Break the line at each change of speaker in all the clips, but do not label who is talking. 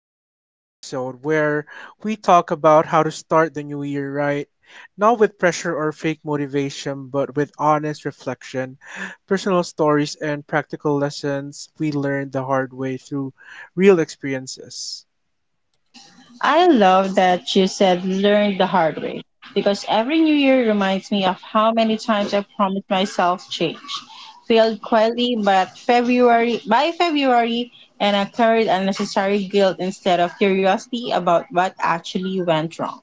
to today's episode where we talk about how to start the new year right, not with pressure or fake motivation, but with honest reflection, personal stories, and practical lessons we learned the hard way through real experiences.
I love that you said learn the hard way because every new year reminds me of how many times I promised myself change. Failed quietly, but February by February, and I carried unnecessary guilt instead of curiosity about what actually went wrong.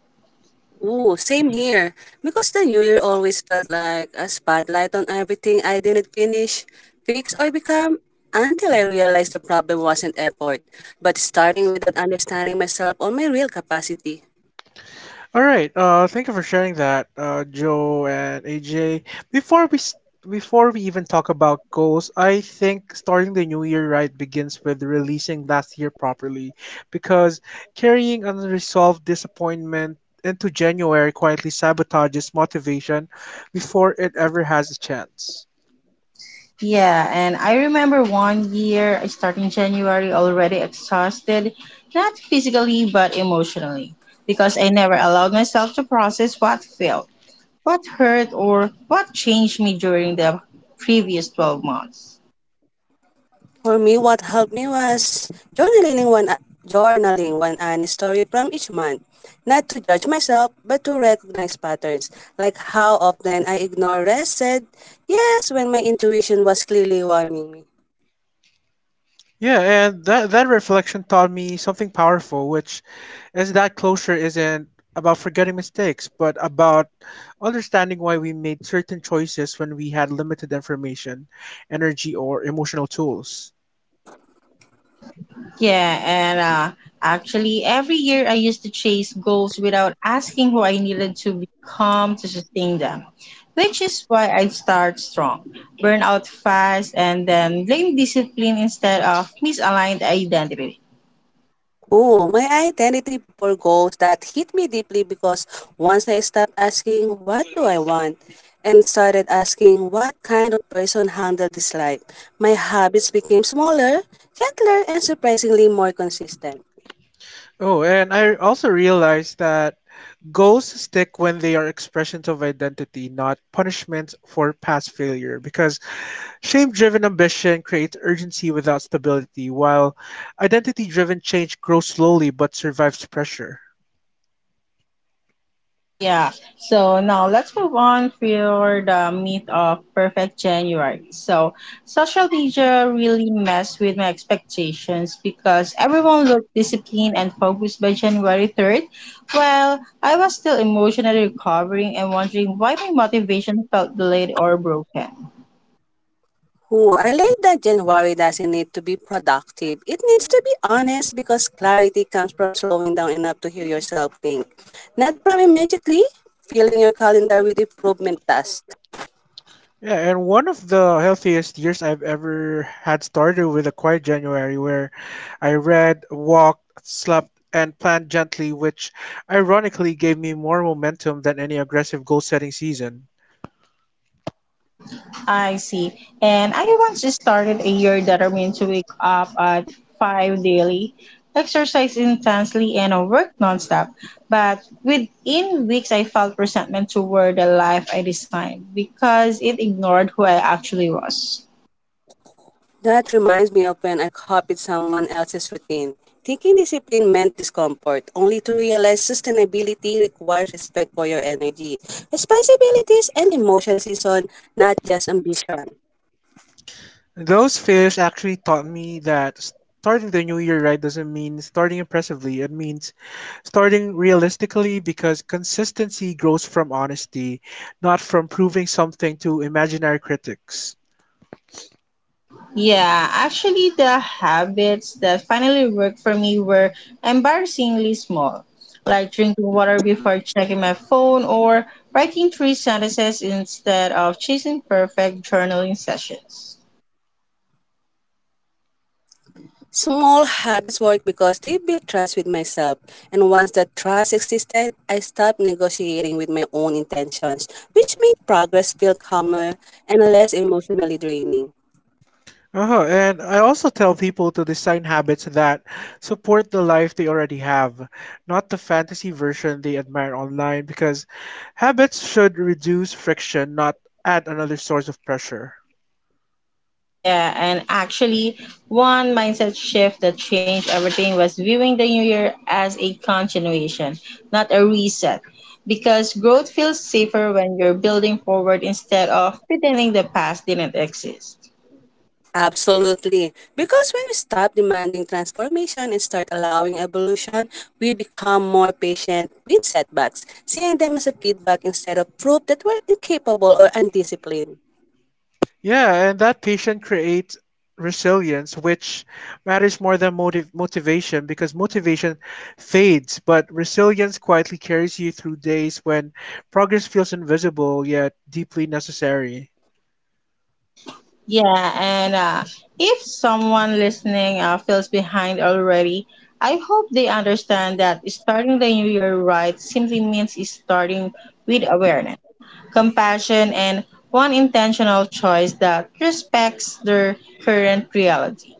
Ooh, same here. Because the new year always felt like a spotlight on everything I didn't finish, fix, or become until I realized the problem wasn't effort, but starting without understanding myself or my real capacity.
All right. Thank you for sharing that, Joe and AJ. Before we s Before we even talk about goals, I think starting the new year right begins with releasing last year properly, because carrying unresolved disappointment into January quietly sabotages motivation before it ever has a chance.
Yeah, and I remember one year I started in January already exhausted, not physically but emotionally, because I never allowed myself to process what failed. What hurt or what changed me during the previous 12 months?
For me, what helped me was journaling one honest story from each month. Not to judge myself, but to recognize patterns, like how often I ignore rest said yes when my intuition was clearly warning me.
Yeah, and that reflection taught me something powerful, which is that closure isn't about forgetting mistakes, but about understanding why we made certain choices when we had limited information, energy, or emotional tools.
Yeah, and actually, every year I used to chase goals without asking who I needed to become to sustain them, which is why I start strong, burn out fast, and then blame discipline instead of misaligned identity.
Oh, my identity before goals that hit me deeply because once I stopped asking, what do I want? And started asking, what kind of person handle this life? My habits became smaller, gentler, and surprisingly more consistent.
Oh, and I also realized that goals stick when they are expressions of identity, not punishments for past failure, because shame driven ambition creates urgency without stability, while identity driven change grows slowly but survives pressure.
Yeah. So now let's move on for the meat of perfect January. So social media really messed with my expectations because everyone looked disciplined and focused by January 3rd, while I was still emotionally recovering and wondering why my motivation felt delayed or broken.
Oh, I like that January doesn't need to be productive. It needs to be honest because clarity comes from slowing down enough to hear yourself think, not from immediately filling your calendar with improvement tasks.
Yeah, and one of the healthiest years I've ever had started with a quiet January where I read, walked, slept, and planned gently, which ironically gave me more momentum than any aggressive goal setting season.
I see. And I once just started a year that I mean to wake up at 5 daily, exercise intensely, and work nonstop. But within weeks, I felt resentment toward the life I designed because it ignored who I actually was.
That reminds me of when I copied someone else's routine, thinking discipline meant discomfort, only to realize sustainability requires respect for your energy, responsibilities, and emotional season, not just ambition.
Those failures actually taught me that starting the new year right doesn't mean starting impressively. It means starting realistically because consistency grows from honesty, not from proving something to imaginary critics.
Yeah, actually, the habits that finally worked for me were embarrassingly small, like drinking water before checking my phone or writing three sentences instead of chasing perfect journaling sessions.
Small habits work because they build trust with myself, and once that trust existed, I stopped negotiating with my own intentions, which made progress feel calmer and less emotionally draining.
Uh-huh. And I also tell people to design habits that support the life they already have, not the fantasy version they admire online, because habits should reduce friction, not add another source of pressure.
Yeah, and actually, one mindset shift that changed everything was viewing the new year as a continuation, not a reset. Because growth feels safer when you're building forward instead of pretending the past didn't exist.
Absolutely. Because when we stop demanding transformation and start allowing evolution, we become more patient with setbacks, seeing them as a feedback instead of proof that we're incapable or undisciplined.
Yeah, and that patient creates resilience, which matters more than motivation because motivation fades, but resilience quietly carries you through days when progress feels invisible yet deeply necessary.
Yeah, and if someone listening feels behind already, I hope they understand that starting the new year right simply means starting with awareness, compassion, and one intentional choice that respects their current reality.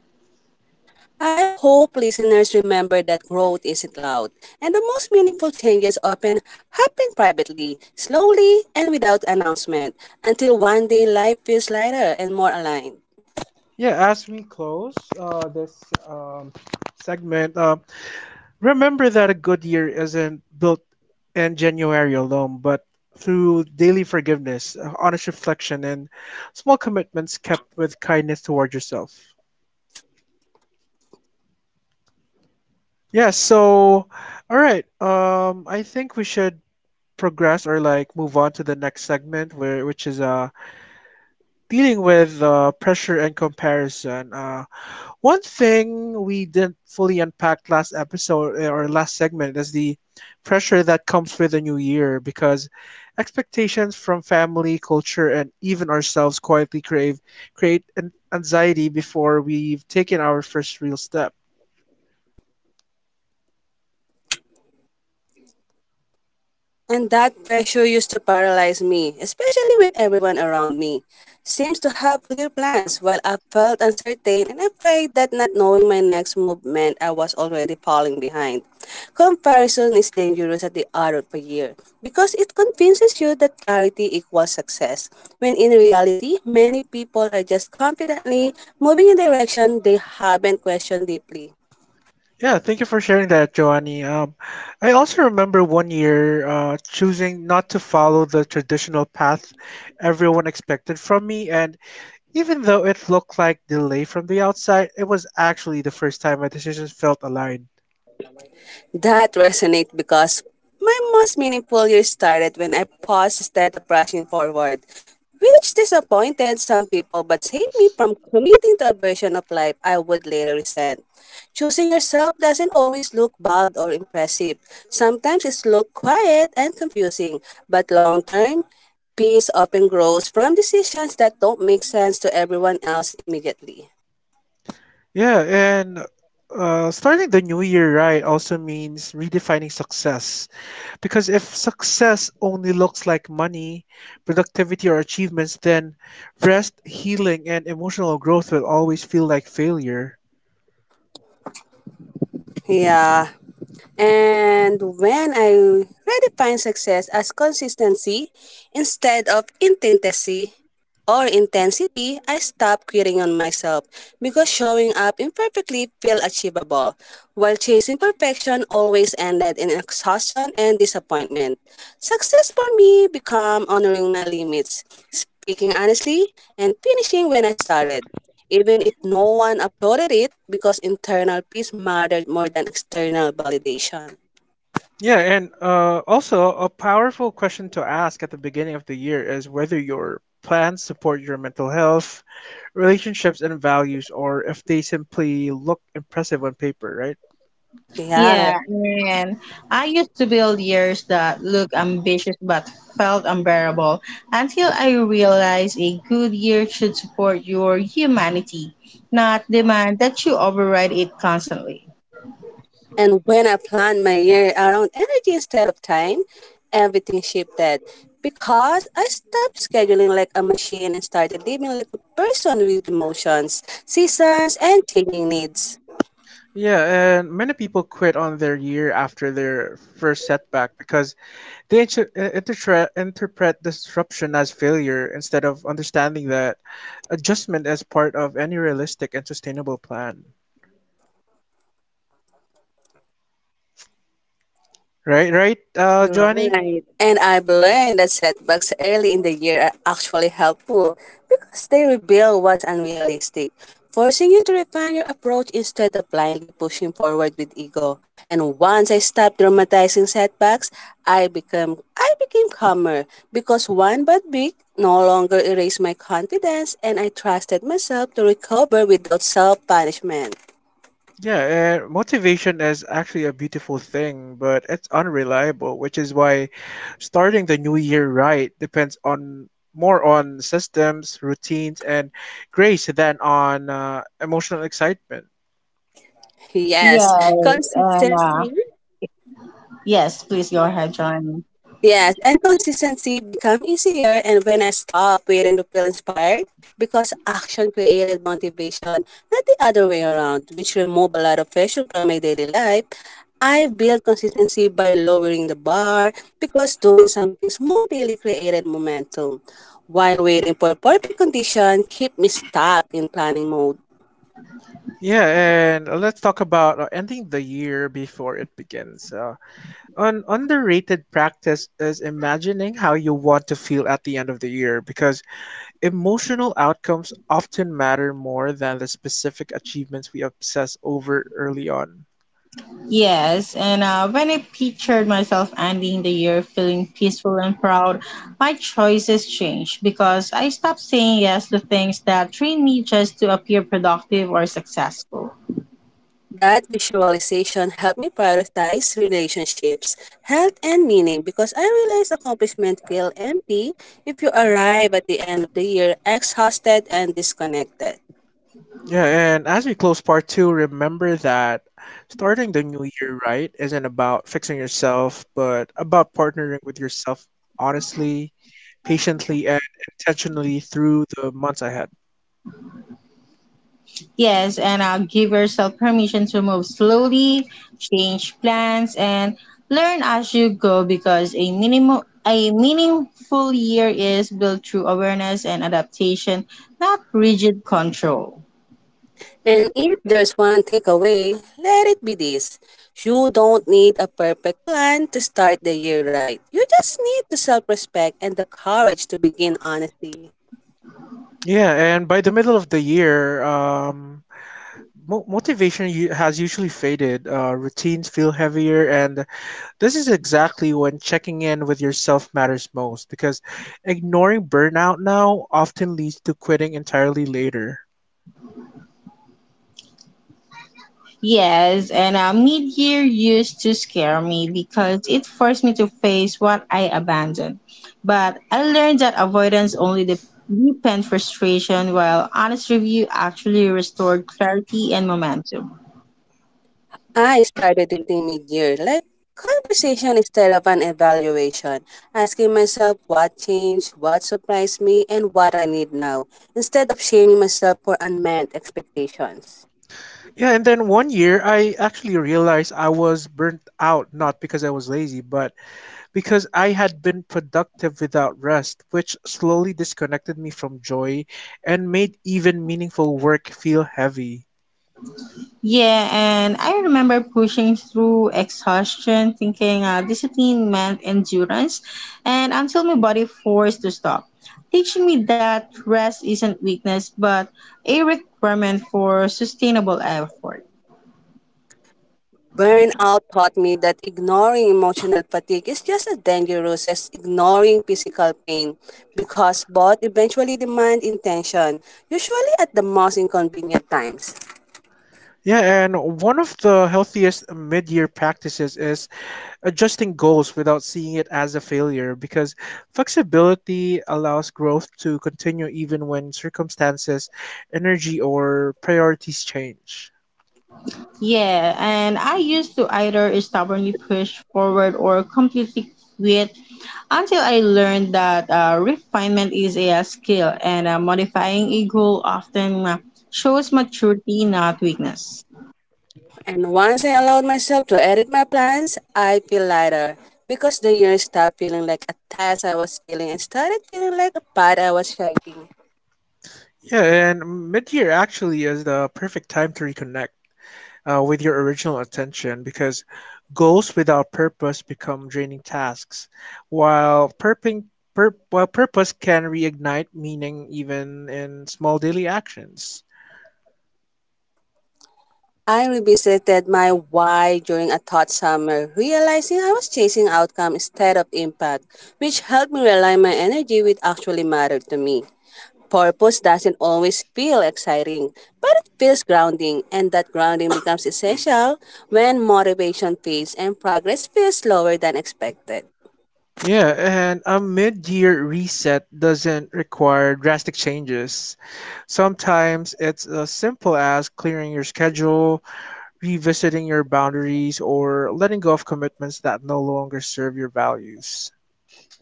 I hope listeners remember that growth isn't loud, and the most meaningful changes often happen privately, slowly, and without announcement, until one day life feels lighter and more aligned.
Yeah, as we close this um, segment, remember that a good year isn't built in January alone, but through daily forgiveness, honest reflection, and small commitments kept with kindness toward yourself. Yeah, so all right. I think we should progress or like move on to the next segment where which is dealing with pressure and comparison. One thing we didn't fully unpack last episode or last segment is the pressure that comes with a new year because expectations from family, culture and even ourselves quietly crave create an anxiety before we've taken our first real step.
And that pressure used to paralyze me, especially when everyone around me seems to have clear plans, while I felt uncertain and afraid that not knowing my next move meant I was already falling behind. Comparison is dangerous at the art of a year because it convinces you that clarity equals success, when in reality, many people are just confidently moving in a direction they haven't questioned deeply.
Yeah, thank you for sharing that, Joanny. I also remember one year choosing not to follow the traditional path everyone expected from me, and even though it looked like delay from the outside, it was actually the first time my decisions felt aligned.
That resonates because my most meaningful year started when I paused instead of rushing forward, which disappointed some people but saved me from committing to a version of life I would later resent. Choosing yourself doesn't always look bold or impressive. Sometimes it looks quiet and confusing, but long term, peace often grows from decisions that don't make sense to everyone else immediately.
Yeah, and starting the new year right also means redefining success. Because if success only looks like money, productivity, or achievements, then rest, healing, and emotional growth will always feel like failure.
Yeah. And when I really define success as consistency instead of intensity or intensity, I stop quitting on myself because showing up imperfectly feel achievable, while chasing perfection always ended in exhaustion and disappointment. Success for me become honoring my limits, speaking honestly, and finishing when I started, even if no one uploaded it, because internal peace mattered more than external validation.
Yeah, and also a powerful question to ask at the beginning of the year is whether your plans support your mental health, relationships, and values, or if they simply look impressive on paper, right?
Yeah.
Yeah, and I used to build years that looked ambitious but felt unbearable until I realized a good year should support your humanity, not demand that you override it constantly.
And when I planned my year around energy instead of time, everything shifted because I stopped scheduling like a machine and started living like a person with emotions, seasons, and changing needs.
Yeah, and many people quit on their year after their first setback because interpret disruption as failure instead of understanding that adjustment as part of any realistic and sustainable plan. Right, right, Johnny?
Right. And I've learned that setbacks early in the year are actually helpful because they reveal what's unrealistic, forcing you to refine your approach instead of blindly pushing forward with ego. And once I stopped dramatizing setbacks, I became calmer because one bad week no longer erased my confidence and I trusted myself to recover without self punishment.
Yeah, motivation is actually a beautiful thing, but it's unreliable, which is why starting the new year right depends on more on systems, routines, and grace than on emotional excitement.
Yes.
Yes, and
Consistency.
yes, please go ahead, Johnny.
Yes, and consistency become easier and when I stop waiting to feel inspired because action created motivation, not the other way around, which remove a lot of pressure from my daily life. I build consistency by lowering the bar because doing something small daily created momentum. While waiting for perfect condition, keep me stuck in planning mode.
Yeah, and let's talk about ending the year before it begins. An underrated practice is imagining how you want to feel at the end of the year because emotional outcomes often matter more than the specific achievements we obsess over early on.
Yes, and when I pictured myself ending the year feeling peaceful and proud, my choices changed because I stopped saying yes to things that train me just to appear productive or successful.
That visualization helped me prioritize relationships, health, and meaning because I realized accomplishment feel empty if you arrive at the end of the year exhausted and disconnected.
Yeah, and as we close part two, remember that starting the new year right isn't about fixing yourself, but about partnering with yourself honestly, patiently, and intentionally through the months ahead.
Yes, and give yourself permission to move slowly, change plans, and learn as you go because a meaningful year is built through awareness and adaptation, not rigid control.
And if there's one takeaway, let it be this. You don't need a perfect plan to start the year right. You just need the self-respect and the courage to begin honestly.
Yeah, and by the middle of the year, motivation has usually faded, routines feel heavier, and this is exactly when checking in with yourself matters most because ignoring burnout now often leads to quitting entirely later.
Yes, and mid-year used to scare me because it forced me to face what I abandoned. But I learned that avoidance only deepened frustration, while honest review actually restored clarity and momentum.
I started dating mid-year, like conversation instead of an evaluation, asking myself what changed, what surprised me, and what I need now, instead of shaming myself for unmet expectations.
Yeah, and then one year I actually realized I was burnt out not because I was lazy, but because I had been productive without rest, which slowly disconnected me from joy and made even meaningful work feel heavy.
Yeah, and I remember pushing through exhaustion, thinking discipline meant endurance, and until my body forced to stop, teaching me that rest isn't weakness but a requirement for sustainable effort.
Burnout taught me that ignoring emotional fatigue is just as dangerous as ignoring physical pain because both eventually demand intention, usually at the most inconvenient times.
Yeah, and one of the healthiest mid-year practices is adjusting goals without seeing it as a failure because flexibility allows growth to continue even when circumstances, energy, or priorities change.
Yeah, and I used to either stubbornly push forward or completely quit until I learned that refinement is a skill and modifying a goal often shows maturity, not weakness.
And once I allowed myself to edit my plans, I feel lighter because the year stopped feeling like a task I was failing and started feeling like a path I was shaping.
Yeah, and mid-year actually is the perfect time to reconnect with your original attention because goals without purpose become draining tasks, while while purpose can reignite meaning even in small daily actions.
I revisited my why during a thought summer, realizing I was chasing outcome instead of impact, which helped me realign my energy with actually mattered to me. Purpose doesn't always feel exciting, but it feels grounding, and that grounding becomes essential when motivation fades and progress feels slower than expected.
Yeah, and a mid-year reset doesn't require drastic changes. Sometimes it's as simple as clearing your schedule, revisiting your boundaries, or letting go of commitments that no longer serve your values.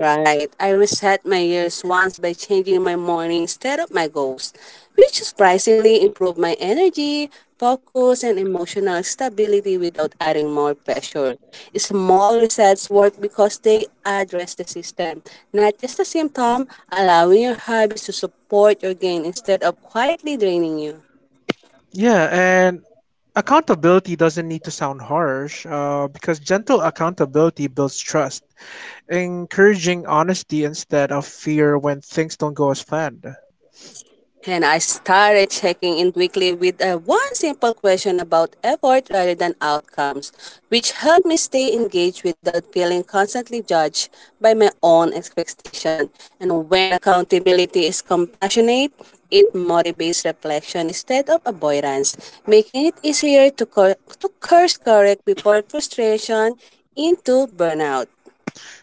Right. I reset my years once by changing my morning instead of my goals, which surprisingly improved my energy, focus, and emotional stability without adding more pressure. Small resets work because they address the system, not just the symptom, allowing your hobbies to support your gain instead of quietly draining you.
Yeah, and accountability doesn't need to sound harsh because gentle accountability builds trust, encouraging honesty instead of fear when things don't go as planned.
And I started checking in weekly with one simple question about effort rather than outcomes, which helped me stay engaged without feeling constantly judged by my own expectation. And when accountability is compassionate, it motivates reflection instead of avoidance, making it easier to course correct before frustration into burnout.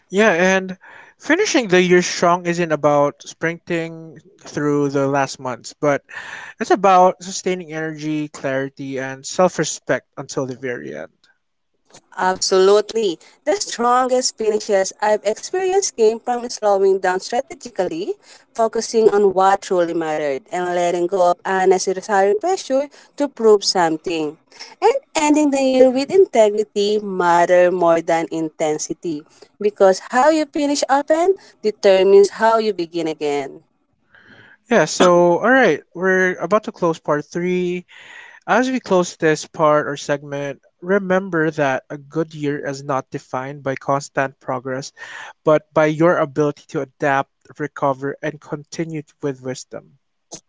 Yeah, and finishing the year strong isn't about sprinting through the last months, but it's about sustaining energy, clarity, and self respect until the very end.
Absolutely. The strongest finishes I've experienced came from slowing down strategically, focusing on what truly mattered, and letting go of unnecessary pressure to prove something. And ending the year with integrity matter more than intensity, because how you finish often determines how you begin again.
Yeah, so, alright, we're about to close part three. As we close this part or segment, remember that a good year is not defined by constant progress, but by your ability to adapt, recover, and continue with wisdom.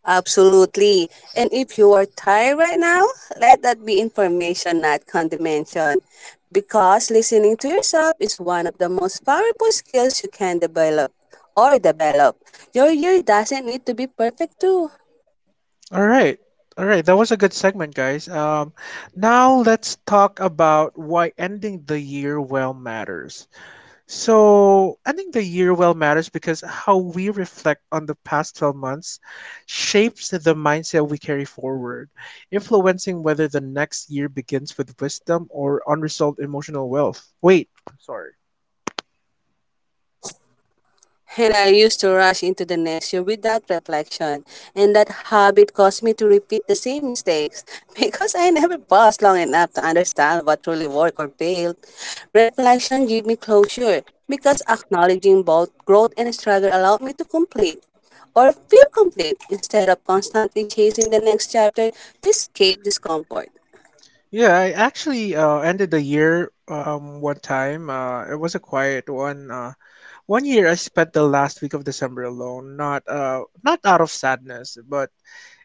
Absolutely. And if you are tired right now, let that be information, not condemnation. Because listening to yourself is one of the most powerful skills you can develop. Your year doesn't need to be perfect too.
All right. All right, that was a good segment, guys. Now let's talk about why ending the year well matters. So I think the year well matters because how we reflect on the past 12 months shapes the mindset we carry forward, influencing whether the next year begins with wisdom or unresolved emotional wealth. Wait, I'm sorry.
And I used to rush into the next year without reflection. And that habit caused me to repeat the same mistakes because I never paused long enough to understand what truly worked or failed. Reflection gave me closure because acknowledging both growth and struggle allowed me to complete or feel complete instead of constantly chasing the next chapter to escape discomfort.
Yeah, I actually ended the year one time. It was a quiet one. One year I spent the last week of December alone, not out of sadness, but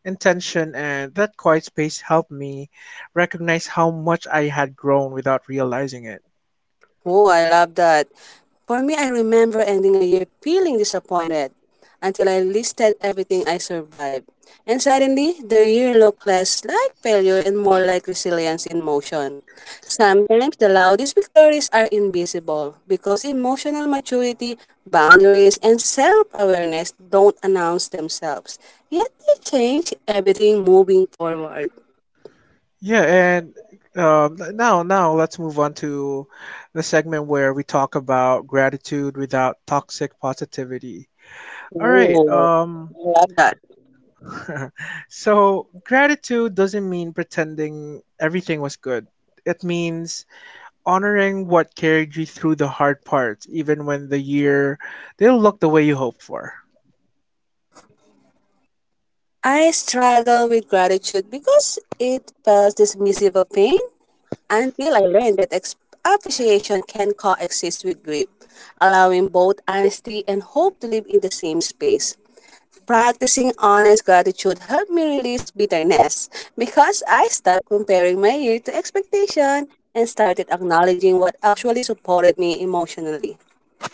intention and that quiet space helped me recognize how much I had grown without realizing it.
Oh, I love that. For me, I remember ending a year feeling disappointed until I listed everything I survived. And suddenly, the year looked less like failure and more like resilience in motion. Sometimes the loudest victories are invisible because emotional maturity, boundaries, and self awareness don't announce themselves. Yet they change everything moving forward.
Yeah, and now let's move on to the segment where we talk about gratitude without toxic positivity. All right,
Oh, I love that.
so gratitude doesn't mean pretending everything was good. It means honoring what carried you through the hard parts, even when the year didn't look the way you hoped for.
I struggle with gratitude because it feels dismissive of pain until I learned that appreciation can coexist with grief, allowing both honesty and hope to live in the same space. Practicing honest gratitude helped me release bitterness because I stopped comparing my year to expectation and started acknowledging what actually supported me emotionally.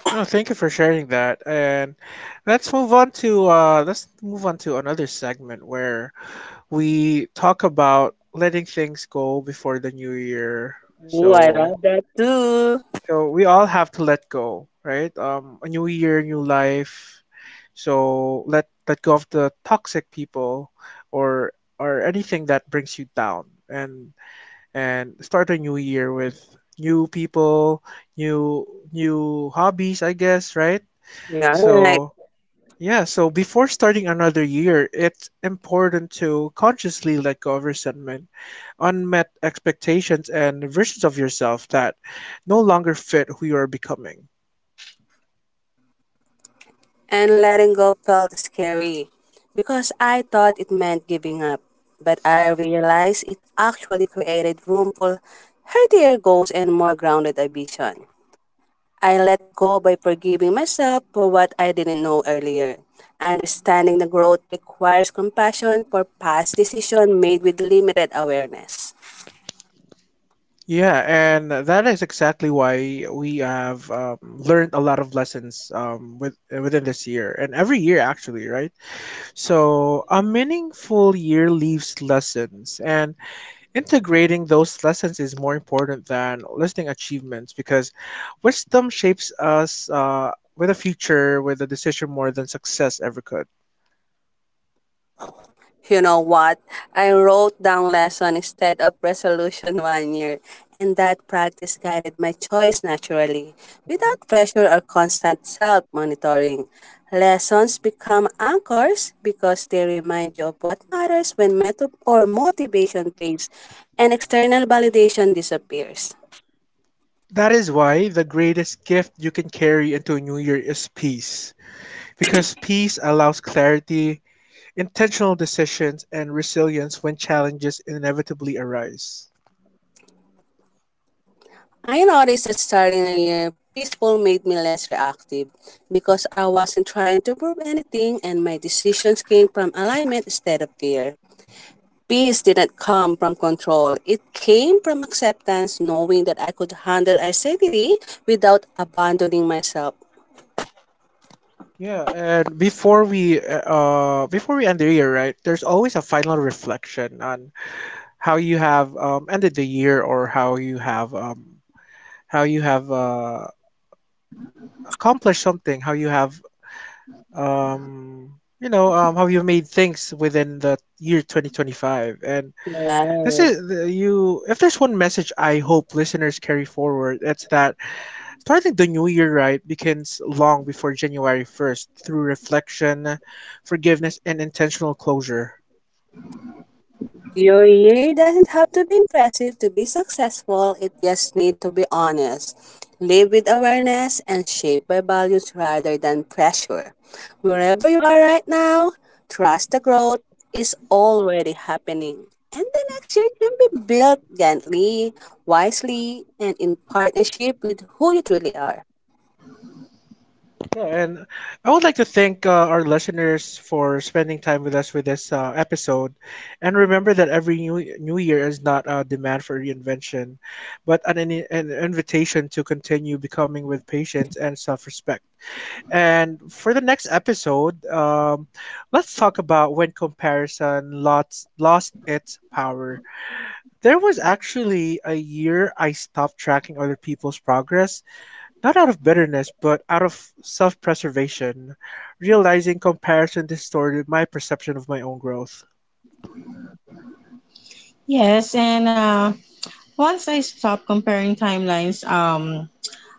Oh, thank you for sharing that. And let's move on to another segment where we talk about letting things go before the new year.
Ooh, I
So
love that too.
so we all have to let go, right? A new year, new life. So let go of the toxic people, or or anything that brings you down, and and start a new year with new people, new new hobbies, I guess, right?
Yeah.
So, yeah, so before starting another year, it's important to consciously let go of resentment, unmet expectations, and versions of yourself that no longer fit who you are becoming.
And letting go felt scary because I thought it meant giving up. But I realized it actually created room for healthier goals and more grounded ambition. I let go by forgiving myself for what I didn't know earlier. Understanding the growth requires compassion for past decisions made with limited awareness.
Yeah, and that is exactly why we have learned a lot of lessons within this year and every year, actually, right? So, a meaningful year leaves lessons, and integrating those lessons is more important than listing achievements because wisdom shapes us with a future, with a decision more than success ever could.
You know what? I wrote down lesson instead of resolution one year, and that practice guided my choice naturally,
Mhm.
without pressure or constant self monitoring. Lessons become anchors because they remind you of what matters when method or motivation fades and external validation disappears.
That is why the greatest gift you can carry into a new year is peace, because peace allows clarity, intentional decisions, and resilience when challenges inevitably arise.
I noticed that starting a year peaceful made me less reactive because I wasn't trying to prove anything and my decisions came from alignment instead of fear. Peace didn't come from control. It came from acceptance, knowing that I could handle anxiety without abandoning myself.
Yeah, and before we end the year, right? There's always a final reflection on how you have ended the year or how you have accomplished something, how you have um how you made things within the year 2025. And this
Yeah.
is the, you if there's one message I hope listeners carry forward, it's that starting the new year right begins long before January 1st through reflection, forgiveness, and intentional closure.
Your year doesn't have to be impressive to be successful. It just needs to be honest. Live with awareness and shape by values rather than pressure. Wherever you are right now, trust the growth is already happening. And the next year can be built gently, wisely, and in partnership with who you truly are.
Yeah, and I would like to thank our listeners for spending time with us with this episode. And remember that every new year is not a demand for reinvention, but an invitation to continue becoming with patience and self respect. And for the next episode, let's talk about when comparison lost its power. There was actually a year I stopped tracking other people's progress, not out of bitterness, but out of self preservation, realizing comparison distorted my perception of my own growth.
Yes, and once I stopped comparing timelines,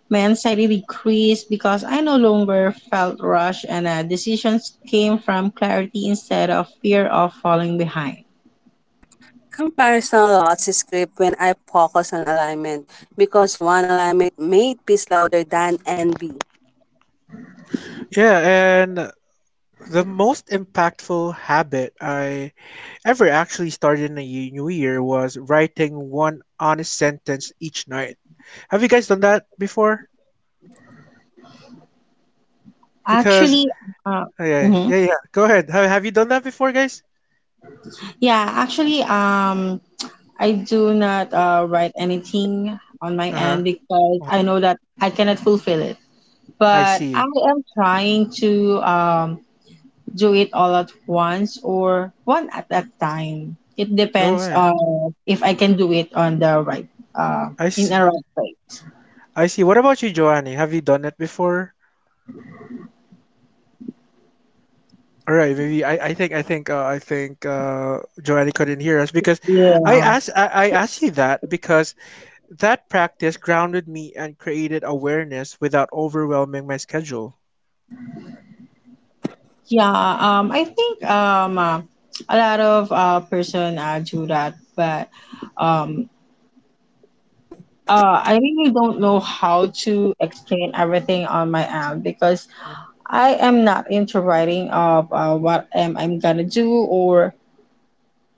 my anxiety decreased because I no longer felt rushed and decisions came from clarity instead of fear of falling behind.
Comparison lots script when I focus on alignment because one alignment made peace louder than envy.
Yeah, and the most impactful habit I ever actually started in a new year was writing one honest sentence each night. Have you guys done that before? Because,
Actually, uh,
oh,
mhm.
yeah, go ahead. Have you done that before, guys?
Yeah, actually, I do not write anything on my
Uh huh,
end because
uh huh.
I know that I cannot fulfill it.
I
But I
see.
am trying to do it all at once or one at a time. It
Oh,
depends
right.
on if I can do it on the right, uh,
I
in
s-
a right place.
I see. What about you, Joanny? Have you done it before? All right, maybe I think Joanny couldn't hear us because
Yeah,
I asked you that because that practice grounded me and created awareness without overwhelming my schedule.
yeah. I think a lot of person do that, but um, I really don't know how to explain everything on my end because I am not into writing of what am I'm gonna do or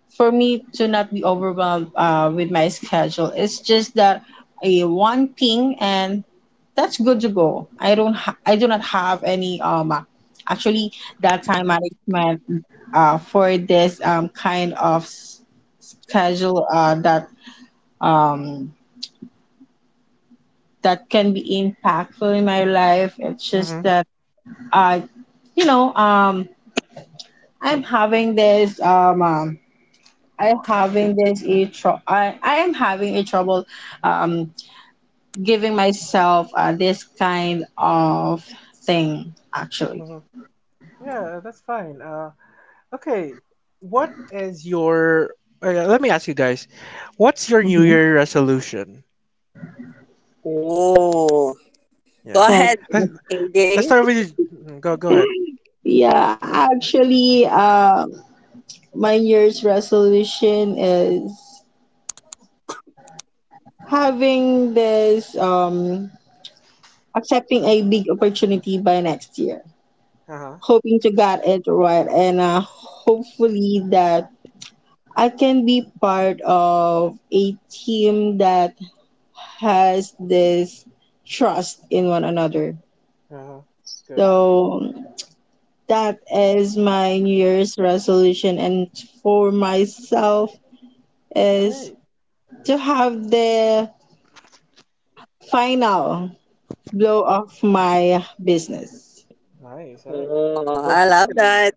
for me to not be overwhelmed with my schedule. It's just that a one ping and that's good to go. I don't ha- I do not have any actually that time management for this kind of schedule that um that can be impactful in my life. It's
Mm-hmm.
just that I, you know, I'm having this I'm having I am having a trouble um giving myself this kind of thing actually.
hmm Yeah, that's fine. Okay, what is your? Let me ask you guys, what's your New
Hmm.
Year resolution?
Oh,
Yeah,
go
That
ahead,
let's
AJ.
let's start with you. Go go ahead.
yeah, actually, my New Year's resolution is having this accepting a big opportunity by next year.
Uh huh.
Hoping to get it right and hopefully that I can be part of a team that has this trust in one another.
Uh huh. That's good. What
So that is my New Year's resolution, and for myself
All
is
right.
to have the final blow of my business.
Nice. All right.
Oh,
Good
I
luck
love
to that.
that.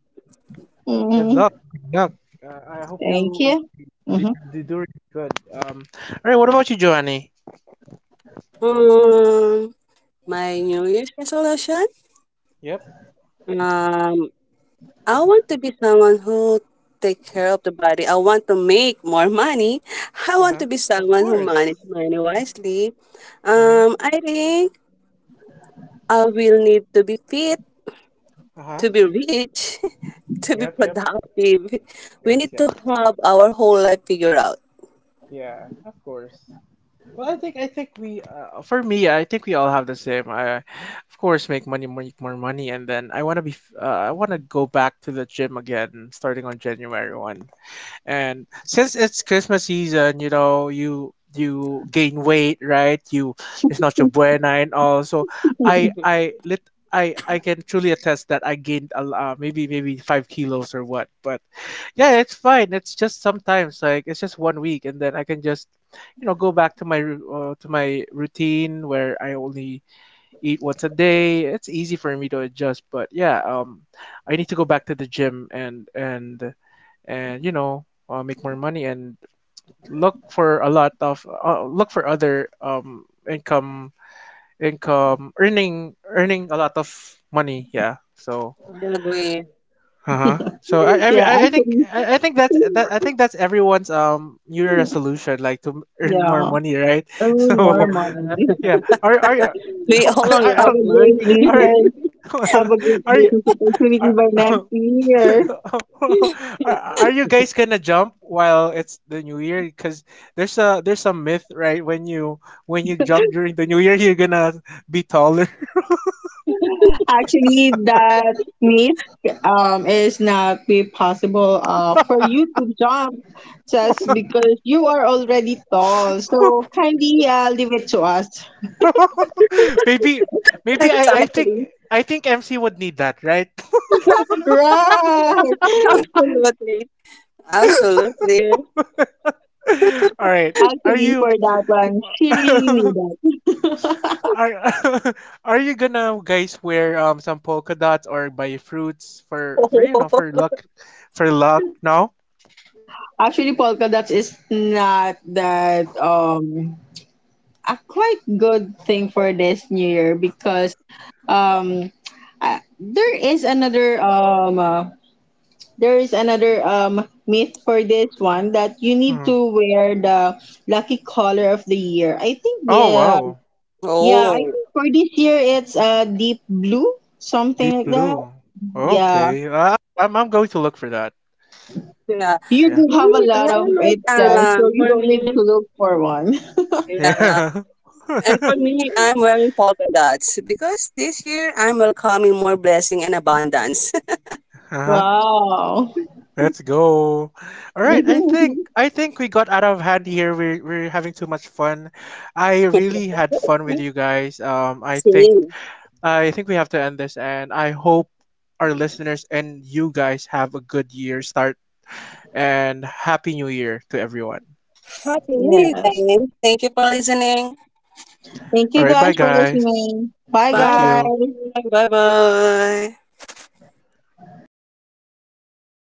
Good
Mhm.
luck. Good luck. I hope
Thank
you
you.
really
Mhm.
you do really good. Um, all right. What about you, Giovanni?
Um, my New Year's resolution.
Yep.
Um, I want to be someone who take care of the body. I want to make more money. I
Uh
want
huh.
to be
Of
someone who manage
course.
money wisely.
Uh
I think I will need to be fit,
huh. Uh huh.
to be rich, to be
Yep. Yep.
productive. We
Yes.
need
Yes.
to have our whole life figured out.
Yeah. Of course. Well, I think we for me I think we all have the same. I, of course, make money, more money, and then I wanna be I wanna go back to the gym again starting on January one. And since it's Christmas season, you know, you gain weight, right? You it's not your buena and all. So I lit I can truly attest that I gained a maybe 5 kilos or what. But yeah, it's fine. It's just sometimes like it's just one week, and then I can just you know go back to my to my routine where I only eat once a day. It's easy for me to adjust, but yeah, I need to go back to the gym and you know make more money and look for a lot of look for other income earning a lot of money. Yeah, so
I agree.
uh-huh. So I every
Yeah, actually.
I think that's that I think that's everyone's New Year resolution like to earn more
Yeah.
money, right?
Earn more
So
Yeah.
money.
yeah. Are you
We all
I, I,
Have
love
a great
money.
all right.
business. Have a great
Are you
business opportunity
are,
by next year.
are are you guys gonna jump while it's the new year? Because there's some myth, right? When you jump during the new year, you're gonna be taller.
Actually, that meet is not be possible for you to jump just because you are already tall. So kindly leave it to us.
Maybe maybe I I think
Exactly.
I think MC would need that, right?
Right.
Absolutely. Absolutely.
All right. Are
Actually, for
you
that one, she really needed.
are are you gonna guys wear some polka dots or buy fruits for you know for luck? No.
Actually, polka dots is not that a quite good thing for this new year because um uh, there is another um uh, there is another myth for this one that you need
Hmm.
to wear the lucky color of the year. I think
Oh
the
wow,
Yeah, I
Oh.
think for this year it's deep blue,
deep
something like that.
blue.
Yeah.
Okay, I'm going to look for that.
Yeah.
You
Yeah.
do have a
Me,
lot of it,
I like,
so you
for
don't need
me,
to look for one.
yeah.
Yeah.
And for me, I'm wearing polka dots because this year I'm welcoming more blessing and abundance.
uh huh.
Wow.
Let's go. All right, I think we got out of hand here. We're having too much fun. I really had fun with you guys.
Same.
I think we have to end this, and I hope our listeners and you guys have a good year start and happy new year to everyone.
Happy New Year,
Yes.
guys. Thank you for listening.
Thank
All
you
right, bye
guys for
guys.
listening. Bye,
Bye
Thank you.
guys.
bye. Bye bye.